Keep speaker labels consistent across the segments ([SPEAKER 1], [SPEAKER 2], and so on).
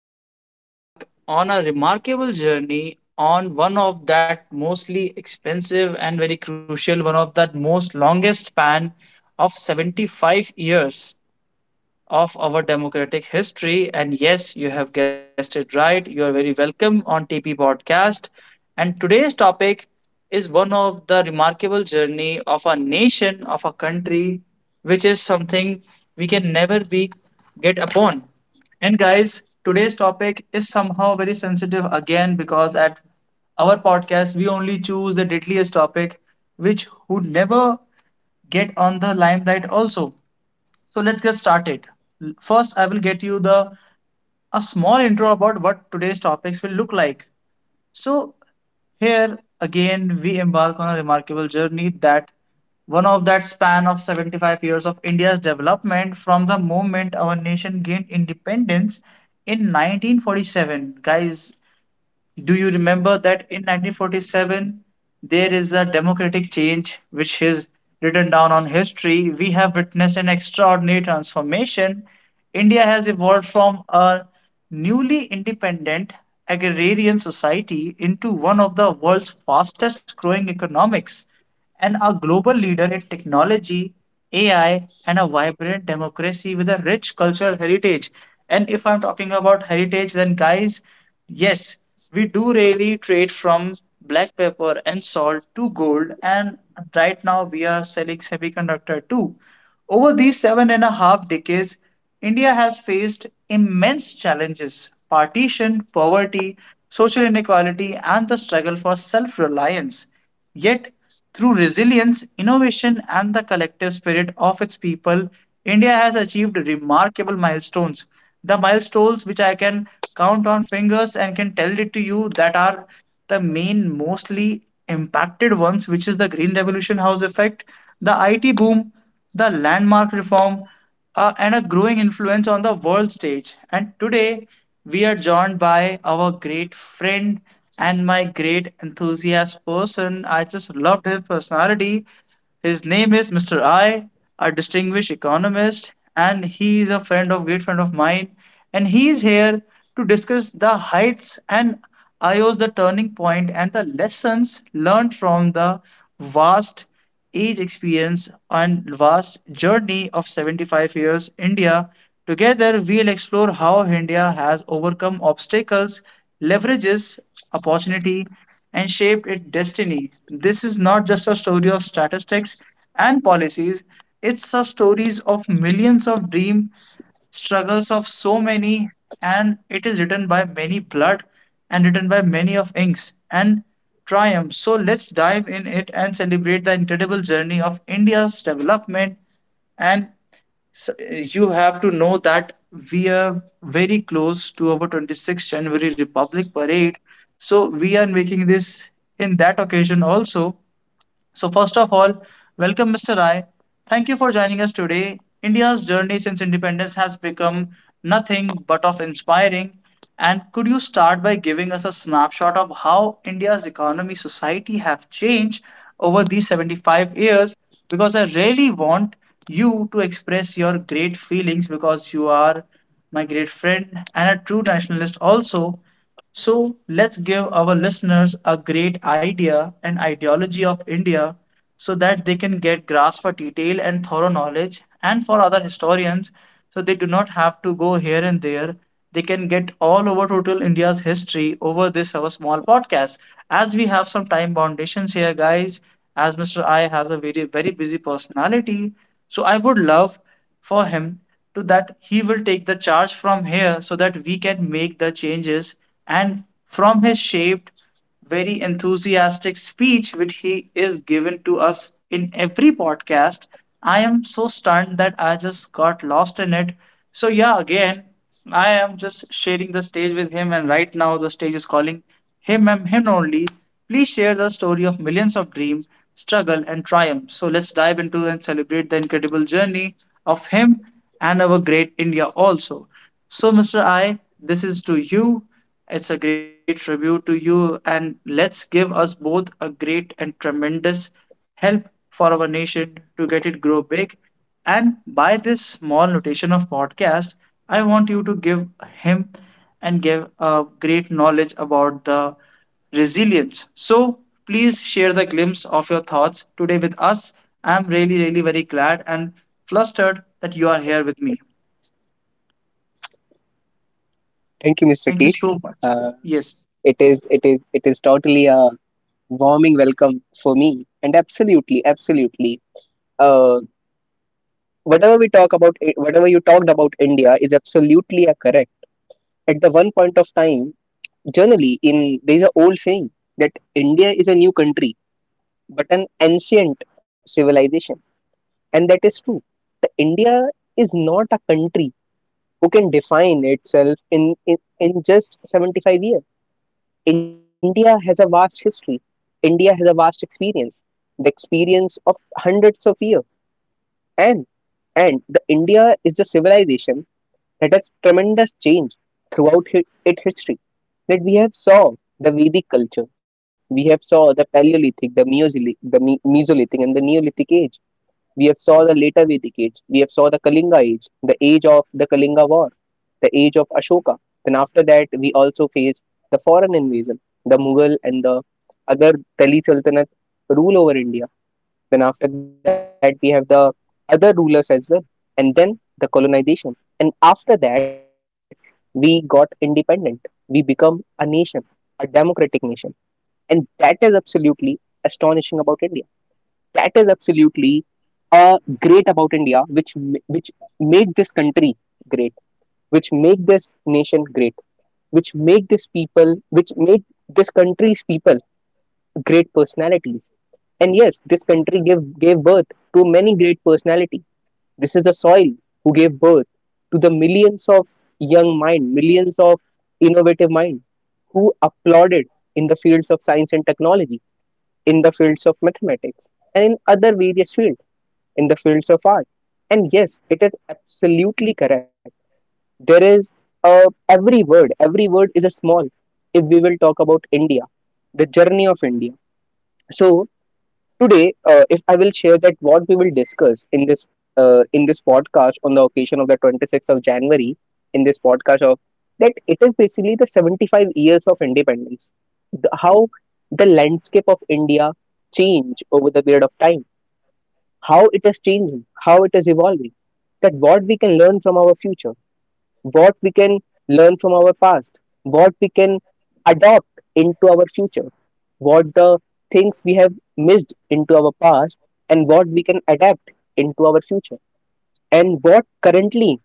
[SPEAKER 1] Today we embark on a remarkable journey on one of that mostly expensive and very crucial, one of that most longest span of 75 years of our democratic history. And yes, you have guessed it right. You are very welcome on TP Podcast. And today's topic is one of the remarkable journey of a nation, of a country, which is something we can never be get upon. And guys, today's topic is somehow very sensitive again because at our podcast we only choose the deadliest topic which would never get on the limelight also, so let's get started. First, I will get you the a small intro about what today's topics will look like. So here again we embark on a remarkable journey that one of that span of 75 years of India's development from the moment our nation gained independence in 1947. Guys, do you remember that in 1947 there is a democratic change which is written down on history? We have witnessed an extraordinary transformation. India has evolved from a newly independent agrarian society into one of the world's fastest growing economics and a global leader in technology, AI, and a vibrant democracy with a rich cultural heritage. And if I'm talking about heritage, then guys, yes, we do really trade from black pepper and salt to gold, and right now we are selling semiconductor too. Over these seven and a half decades, India has faced immense challenges partition, poverty, social inequality, and the struggle for self reliance. Yet, through resilience, innovation, and the collective spirit of its people, India has achieved remarkable milestones. The milestones which I can count on fingers and can tell it to you that are the main, mostly impacted ones, which is the Green Revolution House effect, the IT boom, the landmark reform, and a growing influence on the world stage. And today, we are joined by our great friend and my great enthusiast person. I just loved his personality. His name is Mr. I, a distinguished economist, and he is a friend of great friend of mine. And he is here to discuss the heights and I IO's the turning point and the lessons learned from the vast age experience and vast journey of 75 years India. Together, we'll explore how India has overcome obstacles, leverages opportunity, and shaped its destiny. This is not just a story of statistics and policies, it's a stories of millions of dream struggles of so many, and it is written by many blood and written by many of inks and triumph. So let's dive in it and celebrate the incredible journey of India's development. And you have to know that we are very close to our 26th January Republic Parade. So we are making this in that occasion also. So, first of all, welcome, Mr. Rai. Thank you for joining us today. India's journey since independence has become nothing but of inspiring. And could you start by giving us a snapshot of how India's economy, society have changed over these 75 years? Because I really want you to express your great feelings because you are my great friend and a true nationalist also. So let's give our listeners a great idea and ideology of India so that they can get grasp for detail and thorough knowledge and for other historians so they do not have to go here and there. They can get all over total India's history over this our small podcast. As we have some time foundations here, guys, as Mr. I has a very very busy personality. So I would love for him to that he will take the charge from here so that we can make the changes and from his shaped very enthusiastic speech which he is given to us in every podcast, I am so stunned that I just got lost in it. So yeah, again, I am just sharing the stage with him and right now the stage is calling him and him only. Please share the story of millions of dream, struggle and triumph. So let's dive into and celebrate the incredible journey of him and our great India also. So Mr. I, this is to you. It's a great tribute to you and let's give us both a great and tremendous help for our nation to get it grow big. And by this small notation of podcast I want you to give him and give a great knowledge about the resilience. So please share the glimpse of your thoughts today with us. I'm really, really very glad and flustered that you are here with me.
[SPEAKER 2] Thank you, Mr.
[SPEAKER 1] Thank you
[SPEAKER 2] Keith.
[SPEAKER 1] so much.
[SPEAKER 2] Uh,
[SPEAKER 1] Yes.
[SPEAKER 2] it is totally a warming welcome for me, and absolutely, absolutely. Uh, whatever we talk about, whatever you talked about India is absolutely a correct. At the one point of time, generally, in there is an old saying that India is a new country, but an ancient civilization, and that is true. The India is not a country who can define itself in just 75 years. India has a vast history. India has a vast experience, the experience of hundreds of years. And and the India is the civilization that has tremendous change throughout its history. That we have saw the Vedic culture, we have saw the Paleolithic, the Mesolithic, the Mesolithic, and the Neolithic age. We have saw the later Vedic age. We have saw the Kalinga age, the age of the Kalinga war, the age of Ashoka. Then after that, we also face the foreign invasion, the Mughal and the other Delhi Sultanate rule over India. Then after that, we have the other rulers as well, and then the colonization. And after that, we got independent. We become a nation, a democratic nation, and that is absolutely astonishing about India, that is absolutely great about India, which make this country great, which make this nation great, which make this people, which make this country's people great personalities. And yes, this country gave birth to many great personality. This is the soil who gave birth to the millions of young mind, millions of innovative mind who applauded in the fields of science and technology, in the fields of mathematics, and in other various fields, in the fields of art. And yes, it is absolutely correct. There is every word is a small if we will talk about India, the journey of India. So today, if I will share that what we will discuss in this podcast on the occasion of the 26th of January, in this podcast of that it is basically the 75 years of independence, the, how the landscape of India changed over the period of time, how it is changing, how it is evolving, that what we can learn from our future, what we can learn from our past, what we can adopt into our future, what the things we have missed into our past, and what we can adapt into our future, and what currently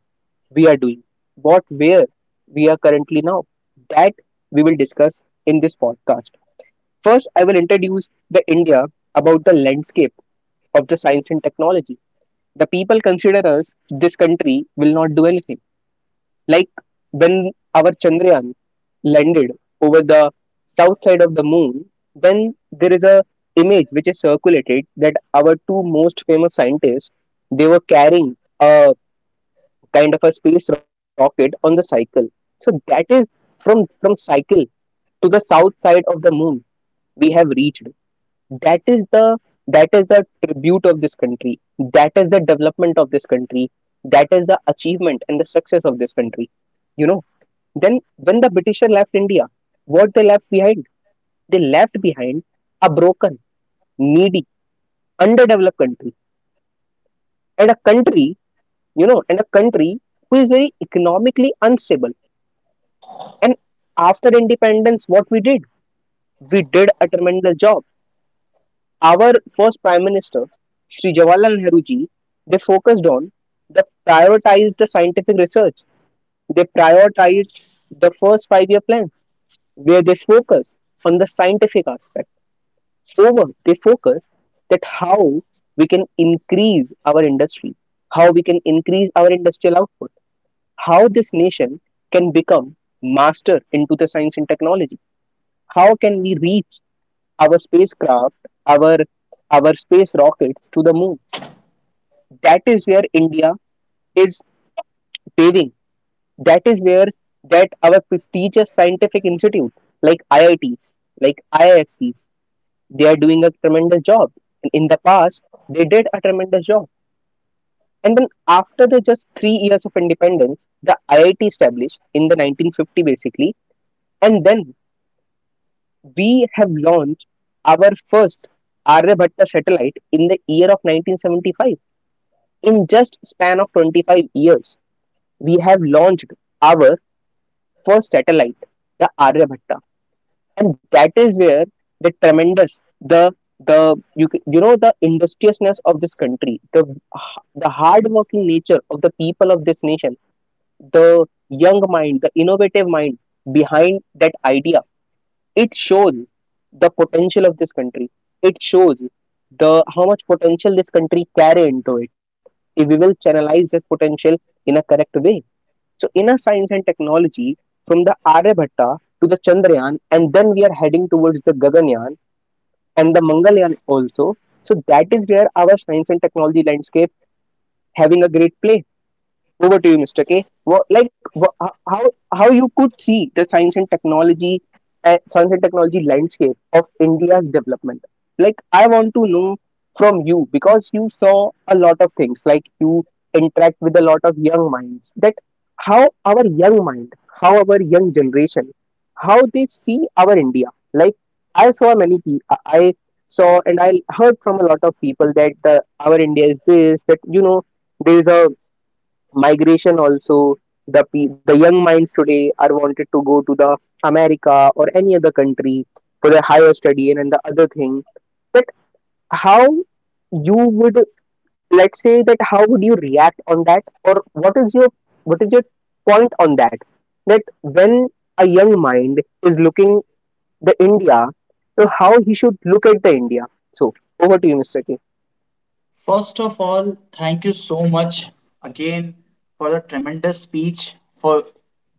[SPEAKER 2] we are doing, what where we are currently now. That we will discuss in this podcast. First, I will introduce the India about the landscape of the science and technology. The people consider us this country will not do anything. Like, when our Chandrayaan landed over the south side of the moon, then there is a image which is circulated that our two most famous scientists, they were carrying a kind of a space rocket on the cycle. So that is from cycle to the south side of the moon we have reached. That is the, that is the tribute of this country, that is the development of this country, that is the achievement and the success of this country, you know. Then when the Britisher left India, what they left behind, they left behind a broken, needy, underdeveloped country, and a country, you know, and a country who is very economically unstable. And after independence, what we did, we did a tremendous job. Our first prime minister, Sri Jawaharlal Nehru ji, they focused on, they prioritized the scientific research, they prioritized the first 5 year plans, where they focus on the scientific aspect, over they focus that how we can increase our industry, how we can increase our industrial output, how this nation can become master into the science and technology, how can we reach our spacecraft, our our space rockets to the moon. That is where India is paving. That is where that our prestigious scientific institute like IITs, like IISCs, they are doing a tremendous job. And in the past, they did a tremendous job. And then after the just 3 years of independence, the IIT established in the 1950 basically, and then we have launched our first Aryabhatta satellite in the year of 1975. In just span of 25 years, we have launched our first satellite, the Aryabhatta, and that is where the tremendous, the you know the industriousness of this country, the hardworking nature of the people of this nation, the young mind, the innovative mind behind that idea, it shows the potential of this country. It shows the how much potential this country carry into it. If we will channelize this potential in a correct way, so inner science and technology from the Aryabhatta to the Chandrayaan, and then we are heading towards the Gaganyaan and the Mangalyaan also. So that is where our science and technology landscape having a great play. Over to you, Mr. K. What, like how you could see the science and technology landscape of India's development. Like, I want to know from you because you saw a lot of things. Like, you interact with a lot of young minds. That how our young mind, how our young generation, how they see our India. Like, I saw many people. I saw and I heard from a lot of people that our India is this. That, you know, there is a migration also, the the young minds today are wanted to go to the America or any other country for their higher study and the other thing. But how you would, let's say that how would you react on that, or what is your, what is your point on that, that when a young mind is looking the India, so how he should look at the India. So over to you, Mr. K.
[SPEAKER 1] First of all, thank you so much again for the tremendous speech, for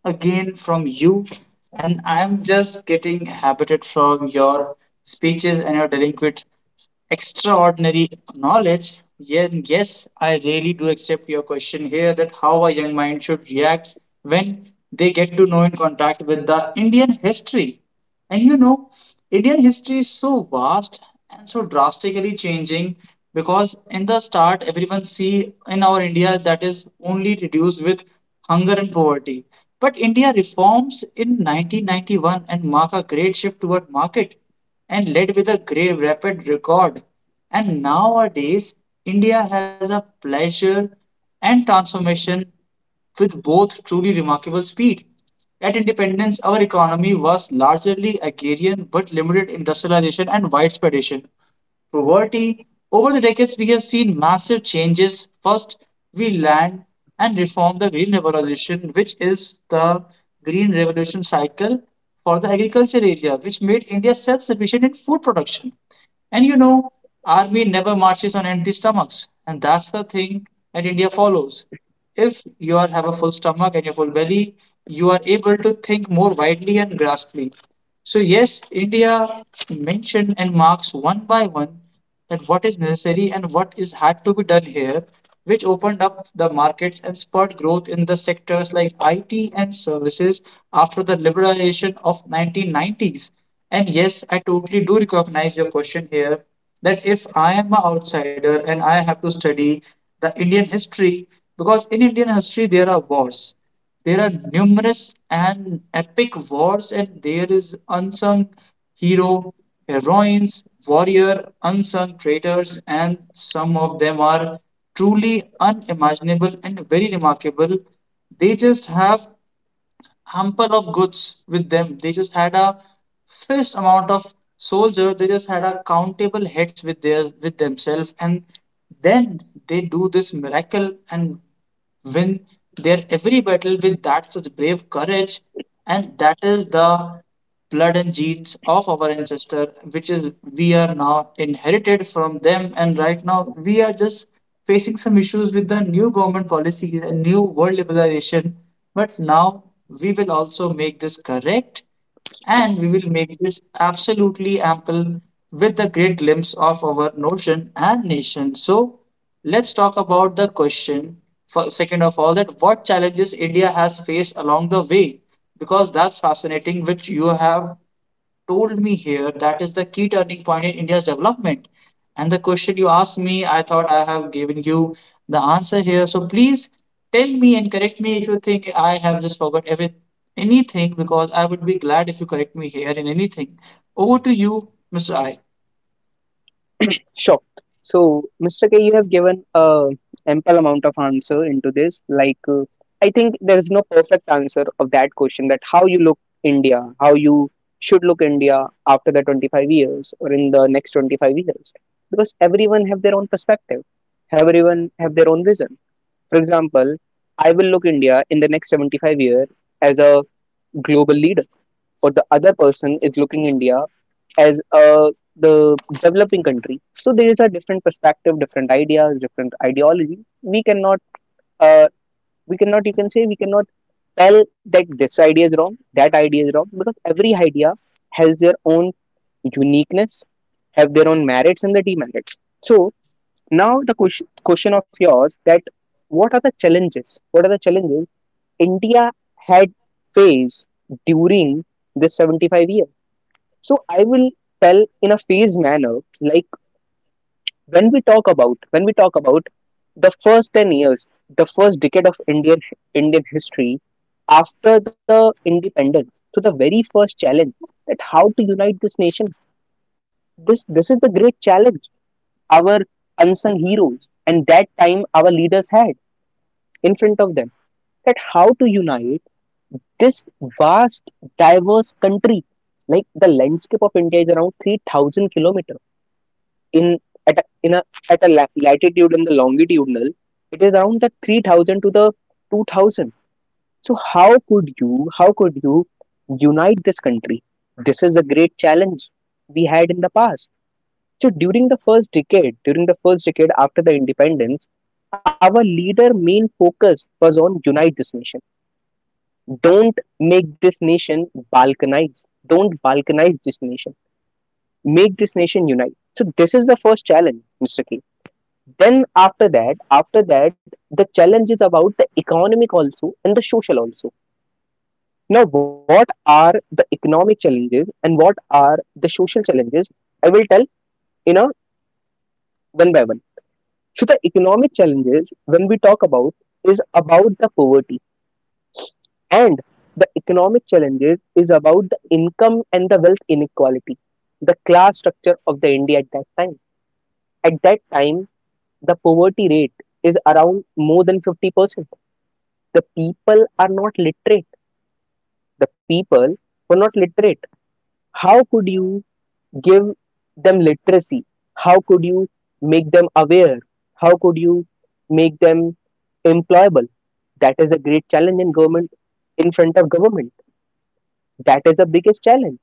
[SPEAKER 1] again from you. And I'm just getting habited from your speeches and your delinquent extraordinary knowledge. Yes, yes, I really do accept your question here that how a young mind should react when they get to know in contact with the Indian history. And you know, Indian history is so vast and so drastically changing because in the start everyone see in our India that is only reduced with hunger and poverty. But India reforms in 1991 and mark a great shift toward market and led with a great rapid record. And nowadays, India has a pleasure and transformation with both truly remarkable speed. At independence, our economy was largely agrarian but limited industrialization and widespreadation poverty. Over the decades, we have seen massive changes. First, we land and reform the Green Revolution, which is the Green Revolution cycle for the agriculture area, which made India self sufficient in food production. And you know, army never marches on empty stomachs, and that's the thing that India follows. If you are have a full stomach and your full belly, you are able to think more widely and grasply. So, yes, India mentioned and marks one by one that what is necessary and what is had to be done here, which opened up the markets and spurred growth in the sectors like IT and services after the liberalization of 1990s. And yes, I totally do recognize your question here that if I am an outsider and I have to study the Indian history, because in Indian history there are wars. There are numerous and epic wars, and there is unsung hero, heroines, warrior, unsung traitors, and some of them are truly unimaginable and very remarkable. They just have hamper of goods with them. They just had a fixed amount of soldiers. They just had a countable heads with themselves, and then they do this miracle and win their every battle with that such brave courage. And that is the blood and genes of our ancestor which is we are now inherited from them. And right now we are just facing some issues with the new government policies and new world liberalization, but now we will also make this correct and we will make this absolutely ample with the great glimpse of our notion and nation. So let's talk about the question for second of all, that what challenges India has faced along the way, because that's fascinating which you have told me here that is the key turning point in India's development. And the question you asked me, I thought I have given you the answer here. So please tell me and correct me if you think I have just forgot every anything, because I would be glad if you correct me here in anything. Over to you, Mr. I.
[SPEAKER 2] Sure. So, Mr. K, you have given a ample amount of answer into this. Like, I think there is no perfect answer of that question. That how you look India, how you should look India after the 25 years or in the next 25 years, because everyone have their own perspective. Everyone have their own vision. For example, I will look India in the next 75-year as a global leader, or the other person is looking India as the developing country. So there is a different perspective, different ideas, different ideology. Uh, we cannot, you can say, we cannot tell that this idea is wrong, that idea is wrong, because every idea has their own uniqueness, have their own merits and the demerits. So now the question, question of yours, that what are the challenges? What are the challenges India had faced during this 75 years? So I will tell in a phased manner. Like, when we talk about the first 10 years, the first decade of Indian history after the independence, so the very first challenge, that how to unite this nation, this is the great challenge our unsung heroes and that time our leaders had in front of them, that how to unite this vast diverse country. Like the landscape of India is around 3,000 kilometers in, at a, in a at a latitude, and the longitudinal it is around the 3,000 to the 2000. So how could you, how could you unite this country? This is a great challenge we had in the past. So during the first decade, during the first decade after the independence, our leader main focus was on unite this nation. Don't make this nation balkanized, don't balkanize this nation, make this nation unite. So this is the first challenge, Mr. K. Then after that, after that the challenge is about the economic also and the social also. Now what are the economic challenges and what are the social challenges, I will tell, you know, one by one. So the economic challenges when we talk about is about the poverty, and the economic challenges is about the income and the wealth inequality, the class structure of the India at that time. At that time, the poverty rate is around more than 50%. The people are not literate, the people were not literate. How could you give them literacy? How could you make them aware? How could you make them employable? That is a great challenge in government, in front of government. That is the biggest challenge.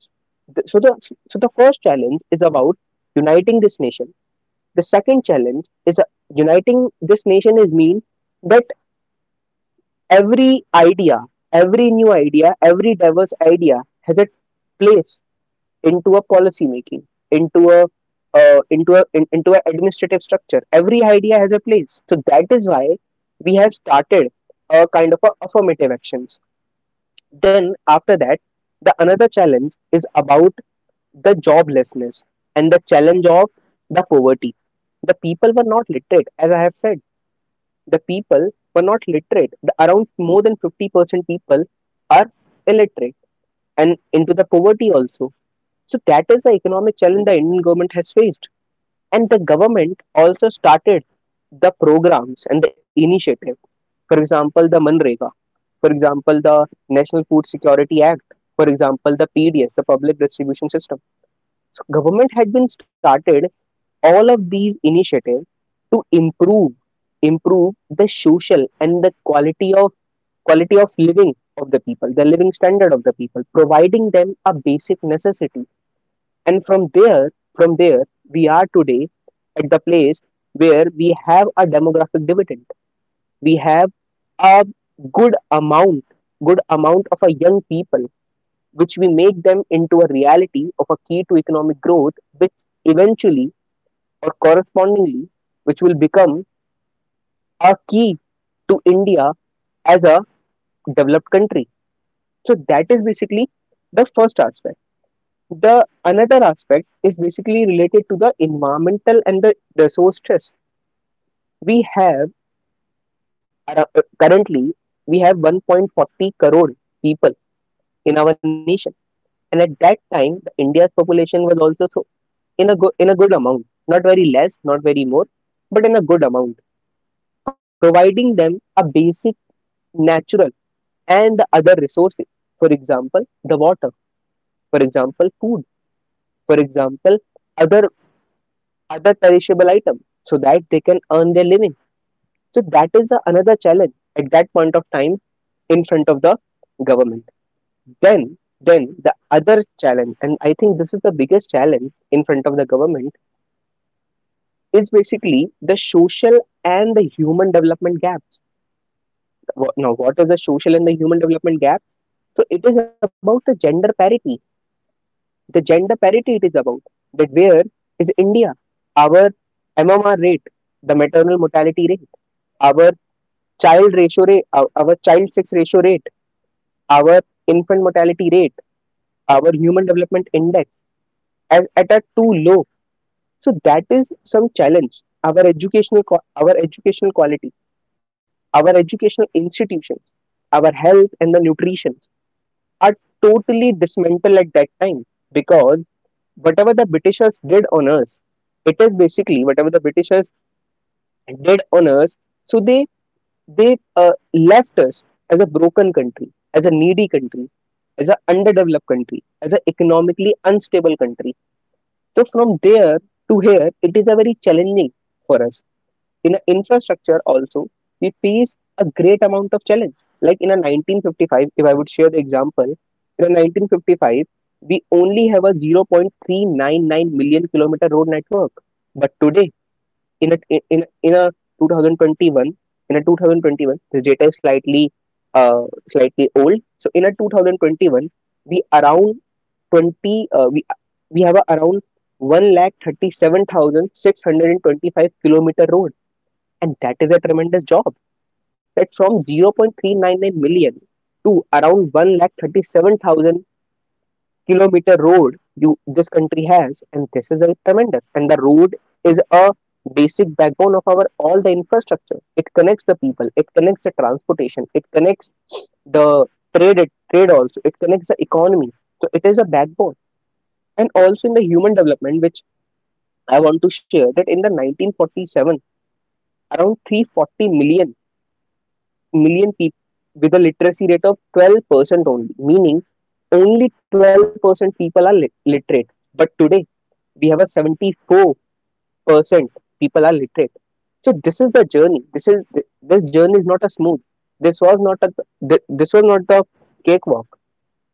[SPEAKER 2] So the, so the first challenge is about uniting this nation. The second challenge is, uniting this nation is mean that every idea, every new idea, every diverse idea has a place into a policy making, into a, into an administrative structure. Every idea has a place. So that is why we have started a kind of a affirmative actions. Then after that, the another challenge is about the joblessness and the challenge of the poverty. The people were not literate, as I have said the people were not literate. Around more than 50% people are illiterate and into the poverty also. So that is the economic challenge the Indian government has faced. And the government also started the programs and the initiative. For example, the Manrega. For example, the National Food Security Act. For example, the PDS, the Public Distribution System. So government had been started all of these initiatives to improve improve the social and the quality of living of the people, the living standard of the people, providing them a basic necessity. And from there, we are today at the place where we have a demographic dividend. We have a good amount, good amount of a young people, which we make them into a reality of a key to economic growth, which eventually or correspondingly, which will become are key to India as a developed country. So that is basically the first aspect. The another aspect is basically related to the environmental and the resource stress. We have currently we have 1.40 crore people in our nation, and at that time the India's population was also so in a good amount, not very less, not very more, but in a good amount, providing them a basic natural and other resources, for example the water, for example food, for example other other perishable item, so that they can earn their living. So that is another challenge at that point of time in front of the government. Then then the other challenge, and I think this is the biggest challenge in front of the government, is basically the social and the human development gaps. Now what is the social and the human development gaps? So it is about the gender parity, the gender parity it is about. That where is India, our MMR rate, the maternal mortality rate, our child ratio rate, child sex ratio rate, our infant mortality rate, our human development index as at a too low. So that is some challenge. Our educational quality, our educational institutions, our health and the nutrition are totally dismantled at that time, because whatever the Britishers did on us, it is basically whatever the Britishers did on us. So they left us as a broken country, as a needy country, as an underdeveloped country, as an economically unstable country. So from there to here, it is a very challenging for us. In infrastructure also we face a great amount of challenge, like in a 1955, if I would share the example, in a 1955 we only have a 0.399 million kilometer road network. But today, in a in, in a 2021, this data is slightly uh, slightly old. So in a 2021 we around 20 uh, we have a around 1 lakh 37,625 kilometer road, and that is a tremendous job. That from 0.399 million to around one lakh 37,000 kilometer road you this country has, and this is a tremendous. And the road is a basic backbone of our all the infrastructure. It connects the people, it connects the transportation, it connects the trade also, it connects the economy. So it is a backbone. And also in the human development, which I want to share that in the 1947, around 340 million people with a literacy rate of 12% only, meaning only 12% people are literate. But today we have a 74% people are literate. So this is the journey. This journey is not a smooth. This was not a this was not the cakewalk.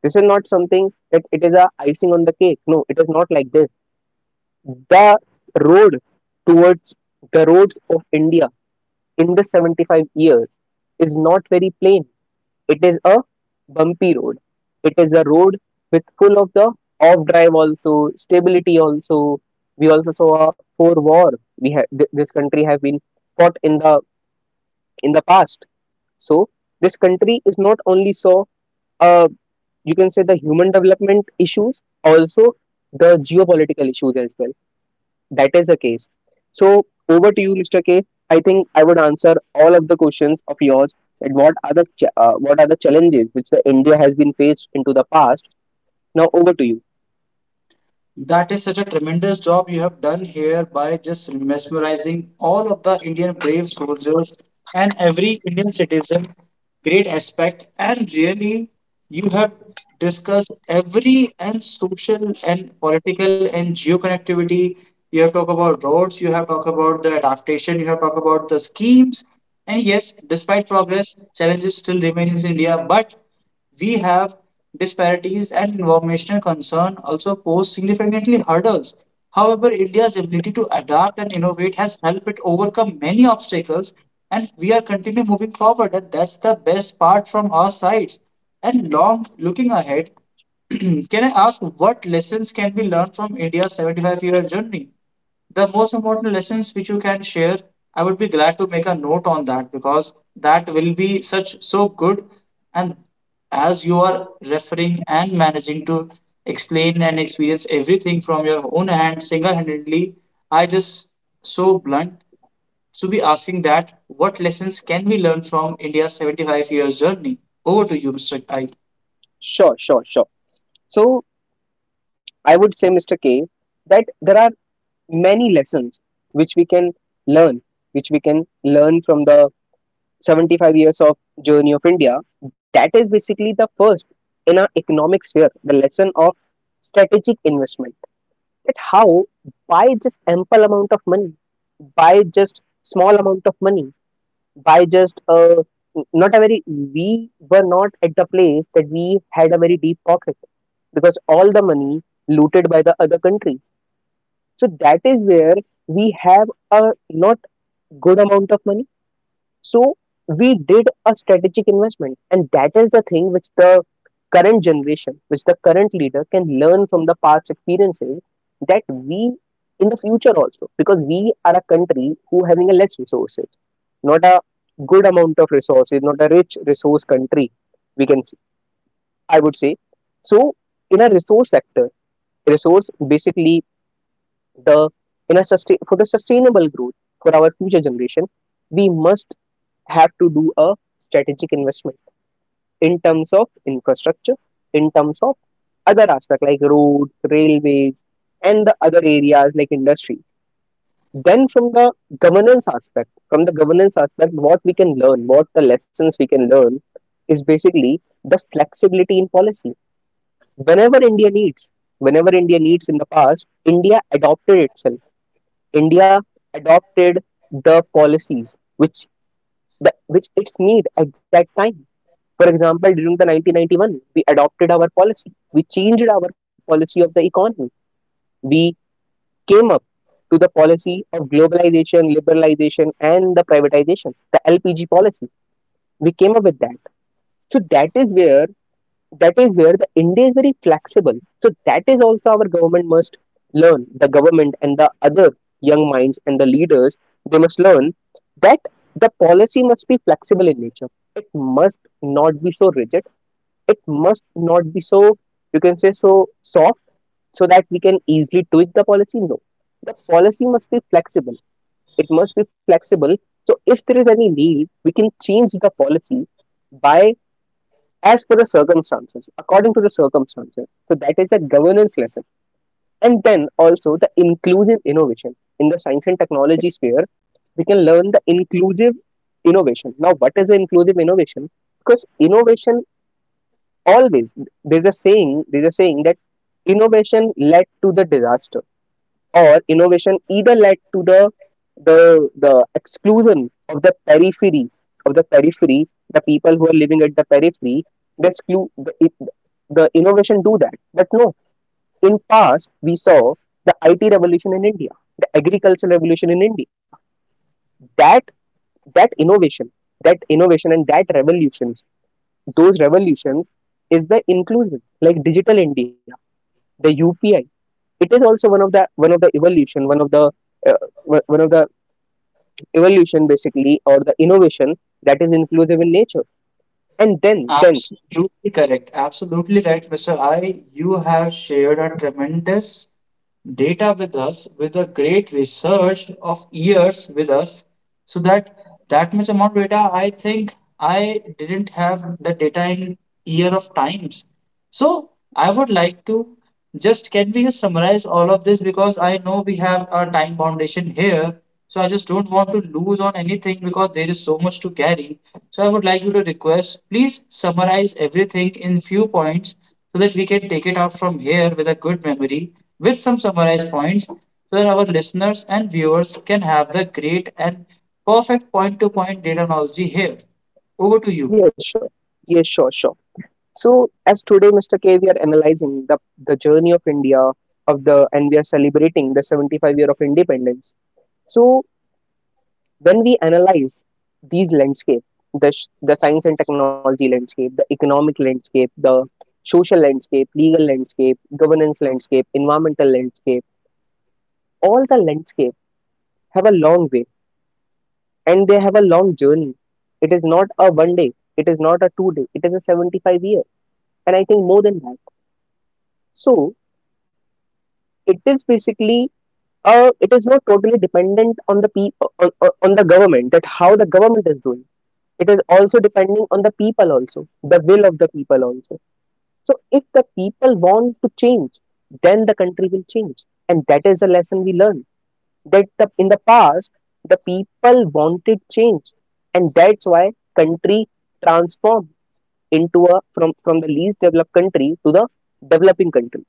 [SPEAKER 2] This is not something that it is a icing on the cake. No, it is not like this. The road towards the roads of India in the 75 years is not very plain. It is a bumpy road. It is a road with full of the off drive also, stability also. We also saw a for war. We have this country have been fought in the past. So this country is not only saw uh, you can say the human development issues, also the geopolitical issues as well, that is the case. So over to you, Mr. K. I think I would answer all of the questions of yours. And what are the what are the challenges which the India has been faced into the past? Now over to you.
[SPEAKER 1] That is such a tremendous job you have done here by just mesmerizing all of the Indian brave soldiers and every Indian citizen. Great aspect. And really, you have discussed every and social and political and geo connectivity. You have talked about roads, you have talked about the adaptation, you have talked about the schemes. And yes, despite progress, challenges still remain in India. But we have disparities and environmental concern also pose significantly hurdles. However, India's ability to adapt and innovate has helped it overcome many obstacles, and we are continuing moving forward, and that's the best part from our side. And long looking ahead, can I ask what lessons can be learned from India's 75 year journey? The most important lessons which you can share, I would be glad to make a note on that because that will be such so good. And as you are referring and managing to explain and experience everything from your own hand single-handedly, I just so blunt to be asking that what lessons can we learn from India's 75 years journey. Over to you, Mr. I.
[SPEAKER 2] Sure. So I would say, Mr. K, that there are many lessons which we can learn, which we can learn from the 75 years of journey of India. That is basically the first, in our economic sphere, the lesson of strategic investment. At how by just ample amount of money, by just small amount of money, by just not a very, we were not at the place that we had a very deep pocket, because all the money looted by the other countries. So that is where we have a not good amount of money. So we did a strategic investment, and that is the thing which the current generation, which the current leader can learn from the past experiences, that we in the future also, because we are a country who having a less resources, not a good amount of resources, not a rich resource country, we can say, I would say. So in a resource sector, resource basically the in a sustain for the sustainable growth for our future generation, we must have to do a strategic investment in terms of infrastructure, in terms of other aspect like roads, railways, and the other areas like industry. Then from the governance aspect, what we can learn, what the lessons we can learn is basically the flexibility in policy. Whenever India needs, whenever India needs in the past, India adopted itself. India adopted the policies which which its need at that time. For example, during the 1991, we adopted our policy. We changed our policy of the economy. We came up to the policy of globalization, liberalization, and the privatization, the LPG policy. We came up with that. So that is where the India is very flexible. So that is also our government must learn. The government and the other young minds and the leaders, they must learn that the policy must be flexible in nature. It must not be so rigid, it must not be so, you can say, so soft so that we can easily tweak the policy. No, the policy must be flexible, it must be flexible, so if there is any need we can change the policy by, as per the circumstances, according to the circumstances. So that is the governance lesson. And then also the inclusive innovation in the science and technology sphere, we can learn the inclusive innovation. Now what is the inclusive innovation? Because innovation always, there's a saying that innovation led to the disaster, or innovation either led to the the exclusion of the periphery, of the periphery the people who are living at the periphery, the exclu- the, it, the innovation do that. But no, in past we saw the IT revolution in India, the agricultural revolution in India, that that innovation innovation and that revolutions, those revolutions is the inclusion, like Digital India, the UPI. It is also one of the evolution, one of the one of the evolution basically, or the innovation that is inclusive in nature. And then
[SPEAKER 1] Absolutely correct. Absolutely correct, Mr. I. You have shared a tremendous data with us with a great research of years with us, so that that much amount of data, I think I didn't have the data in year of times. So I would like to just, can we just summarize all of this, because I know we have a time foundation here. So I just don't want to lose on anything because there is so much to carry. So I would like you to request, please summarize everything in few points so that we can take it out from here with a good memory, with some summarized points, so that our listeners and viewers can have the great and perfect point to point data analogy here. Over to you.
[SPEAKER 2] yes, sure, yes, sure, sure. So as today, Mr. K, we are analyzing the journey of India of the and we are celebrating the 75 year of independence. So when we analyze these landscape, the science and technology landscape, the economic landscape, the social landscape, legal landscape, governance landscape, environmental landscape, all the landscape have a long way and they have a long journey. It is not a one day, it is not a two day, it is a 75 year, and I think more than that. So it is basically it is not totally dependent on the on the government, that how the government is doing. It is also depending on the people also, the will of the people also. So if the people want to change, then the country will change. And that is a lesson we learned, that in the past the people wanted change, and that's why country transformed into a from the least developed country to the developing country.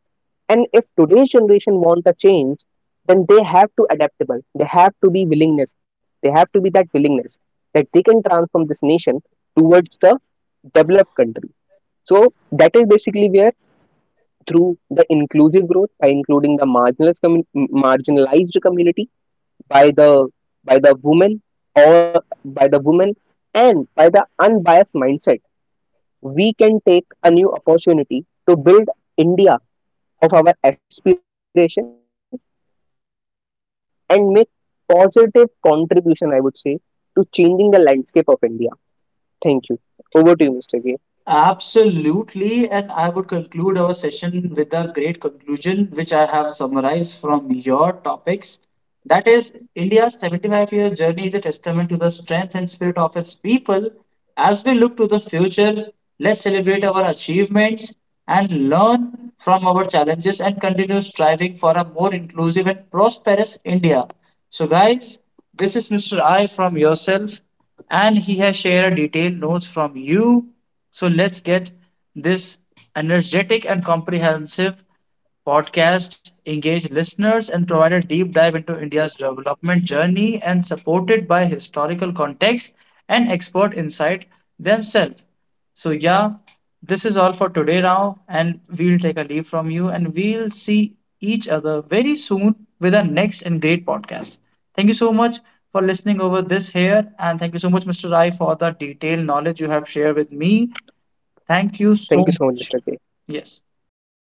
[SPEAKER 2] And if today's generation want a change, then they have to adaptable, they have to be willingness, they have to be that willingness, that they can transform this nation towards the developed country. So that is basically where, through the inclusive growth, by including the marginalized community, by the women, or by the women, and by the unbiased mindset, we can take a new opportunity to build India of our aspiration and make positive contribution, I would say, to changing the landscape of India. Thank you. Over to you, Mr. K.
[SPEAKER 1] Absolutely, and I would conclude our session with a great conclusion, which I have summarized from your topics. That is, India's 75 year journey is a testament to the strength and spirit of its people. As we look to the future, let's celebrate our achievements, and learn from our challenges and continue striving for a more inclusive and prosperous India. So, guys, this is Mr. I from yourself, and he has shared detailed notes from you. So, let's get this energetic and comprehensive podcast engaged listeners and provide a deep dive into India's development journey and supported by historical context and expert insight themselves. So, yeah, this is all for today now, and we'll take a leave from you and we'll see each other very soon with our next and great podcast. Thank you so much for listening over this here, and thank you so much, Mr. Rai, for the detailed knowledge you have shared with me. Thank you so much. Yes.
[SPEAKER 2] Thank you so much,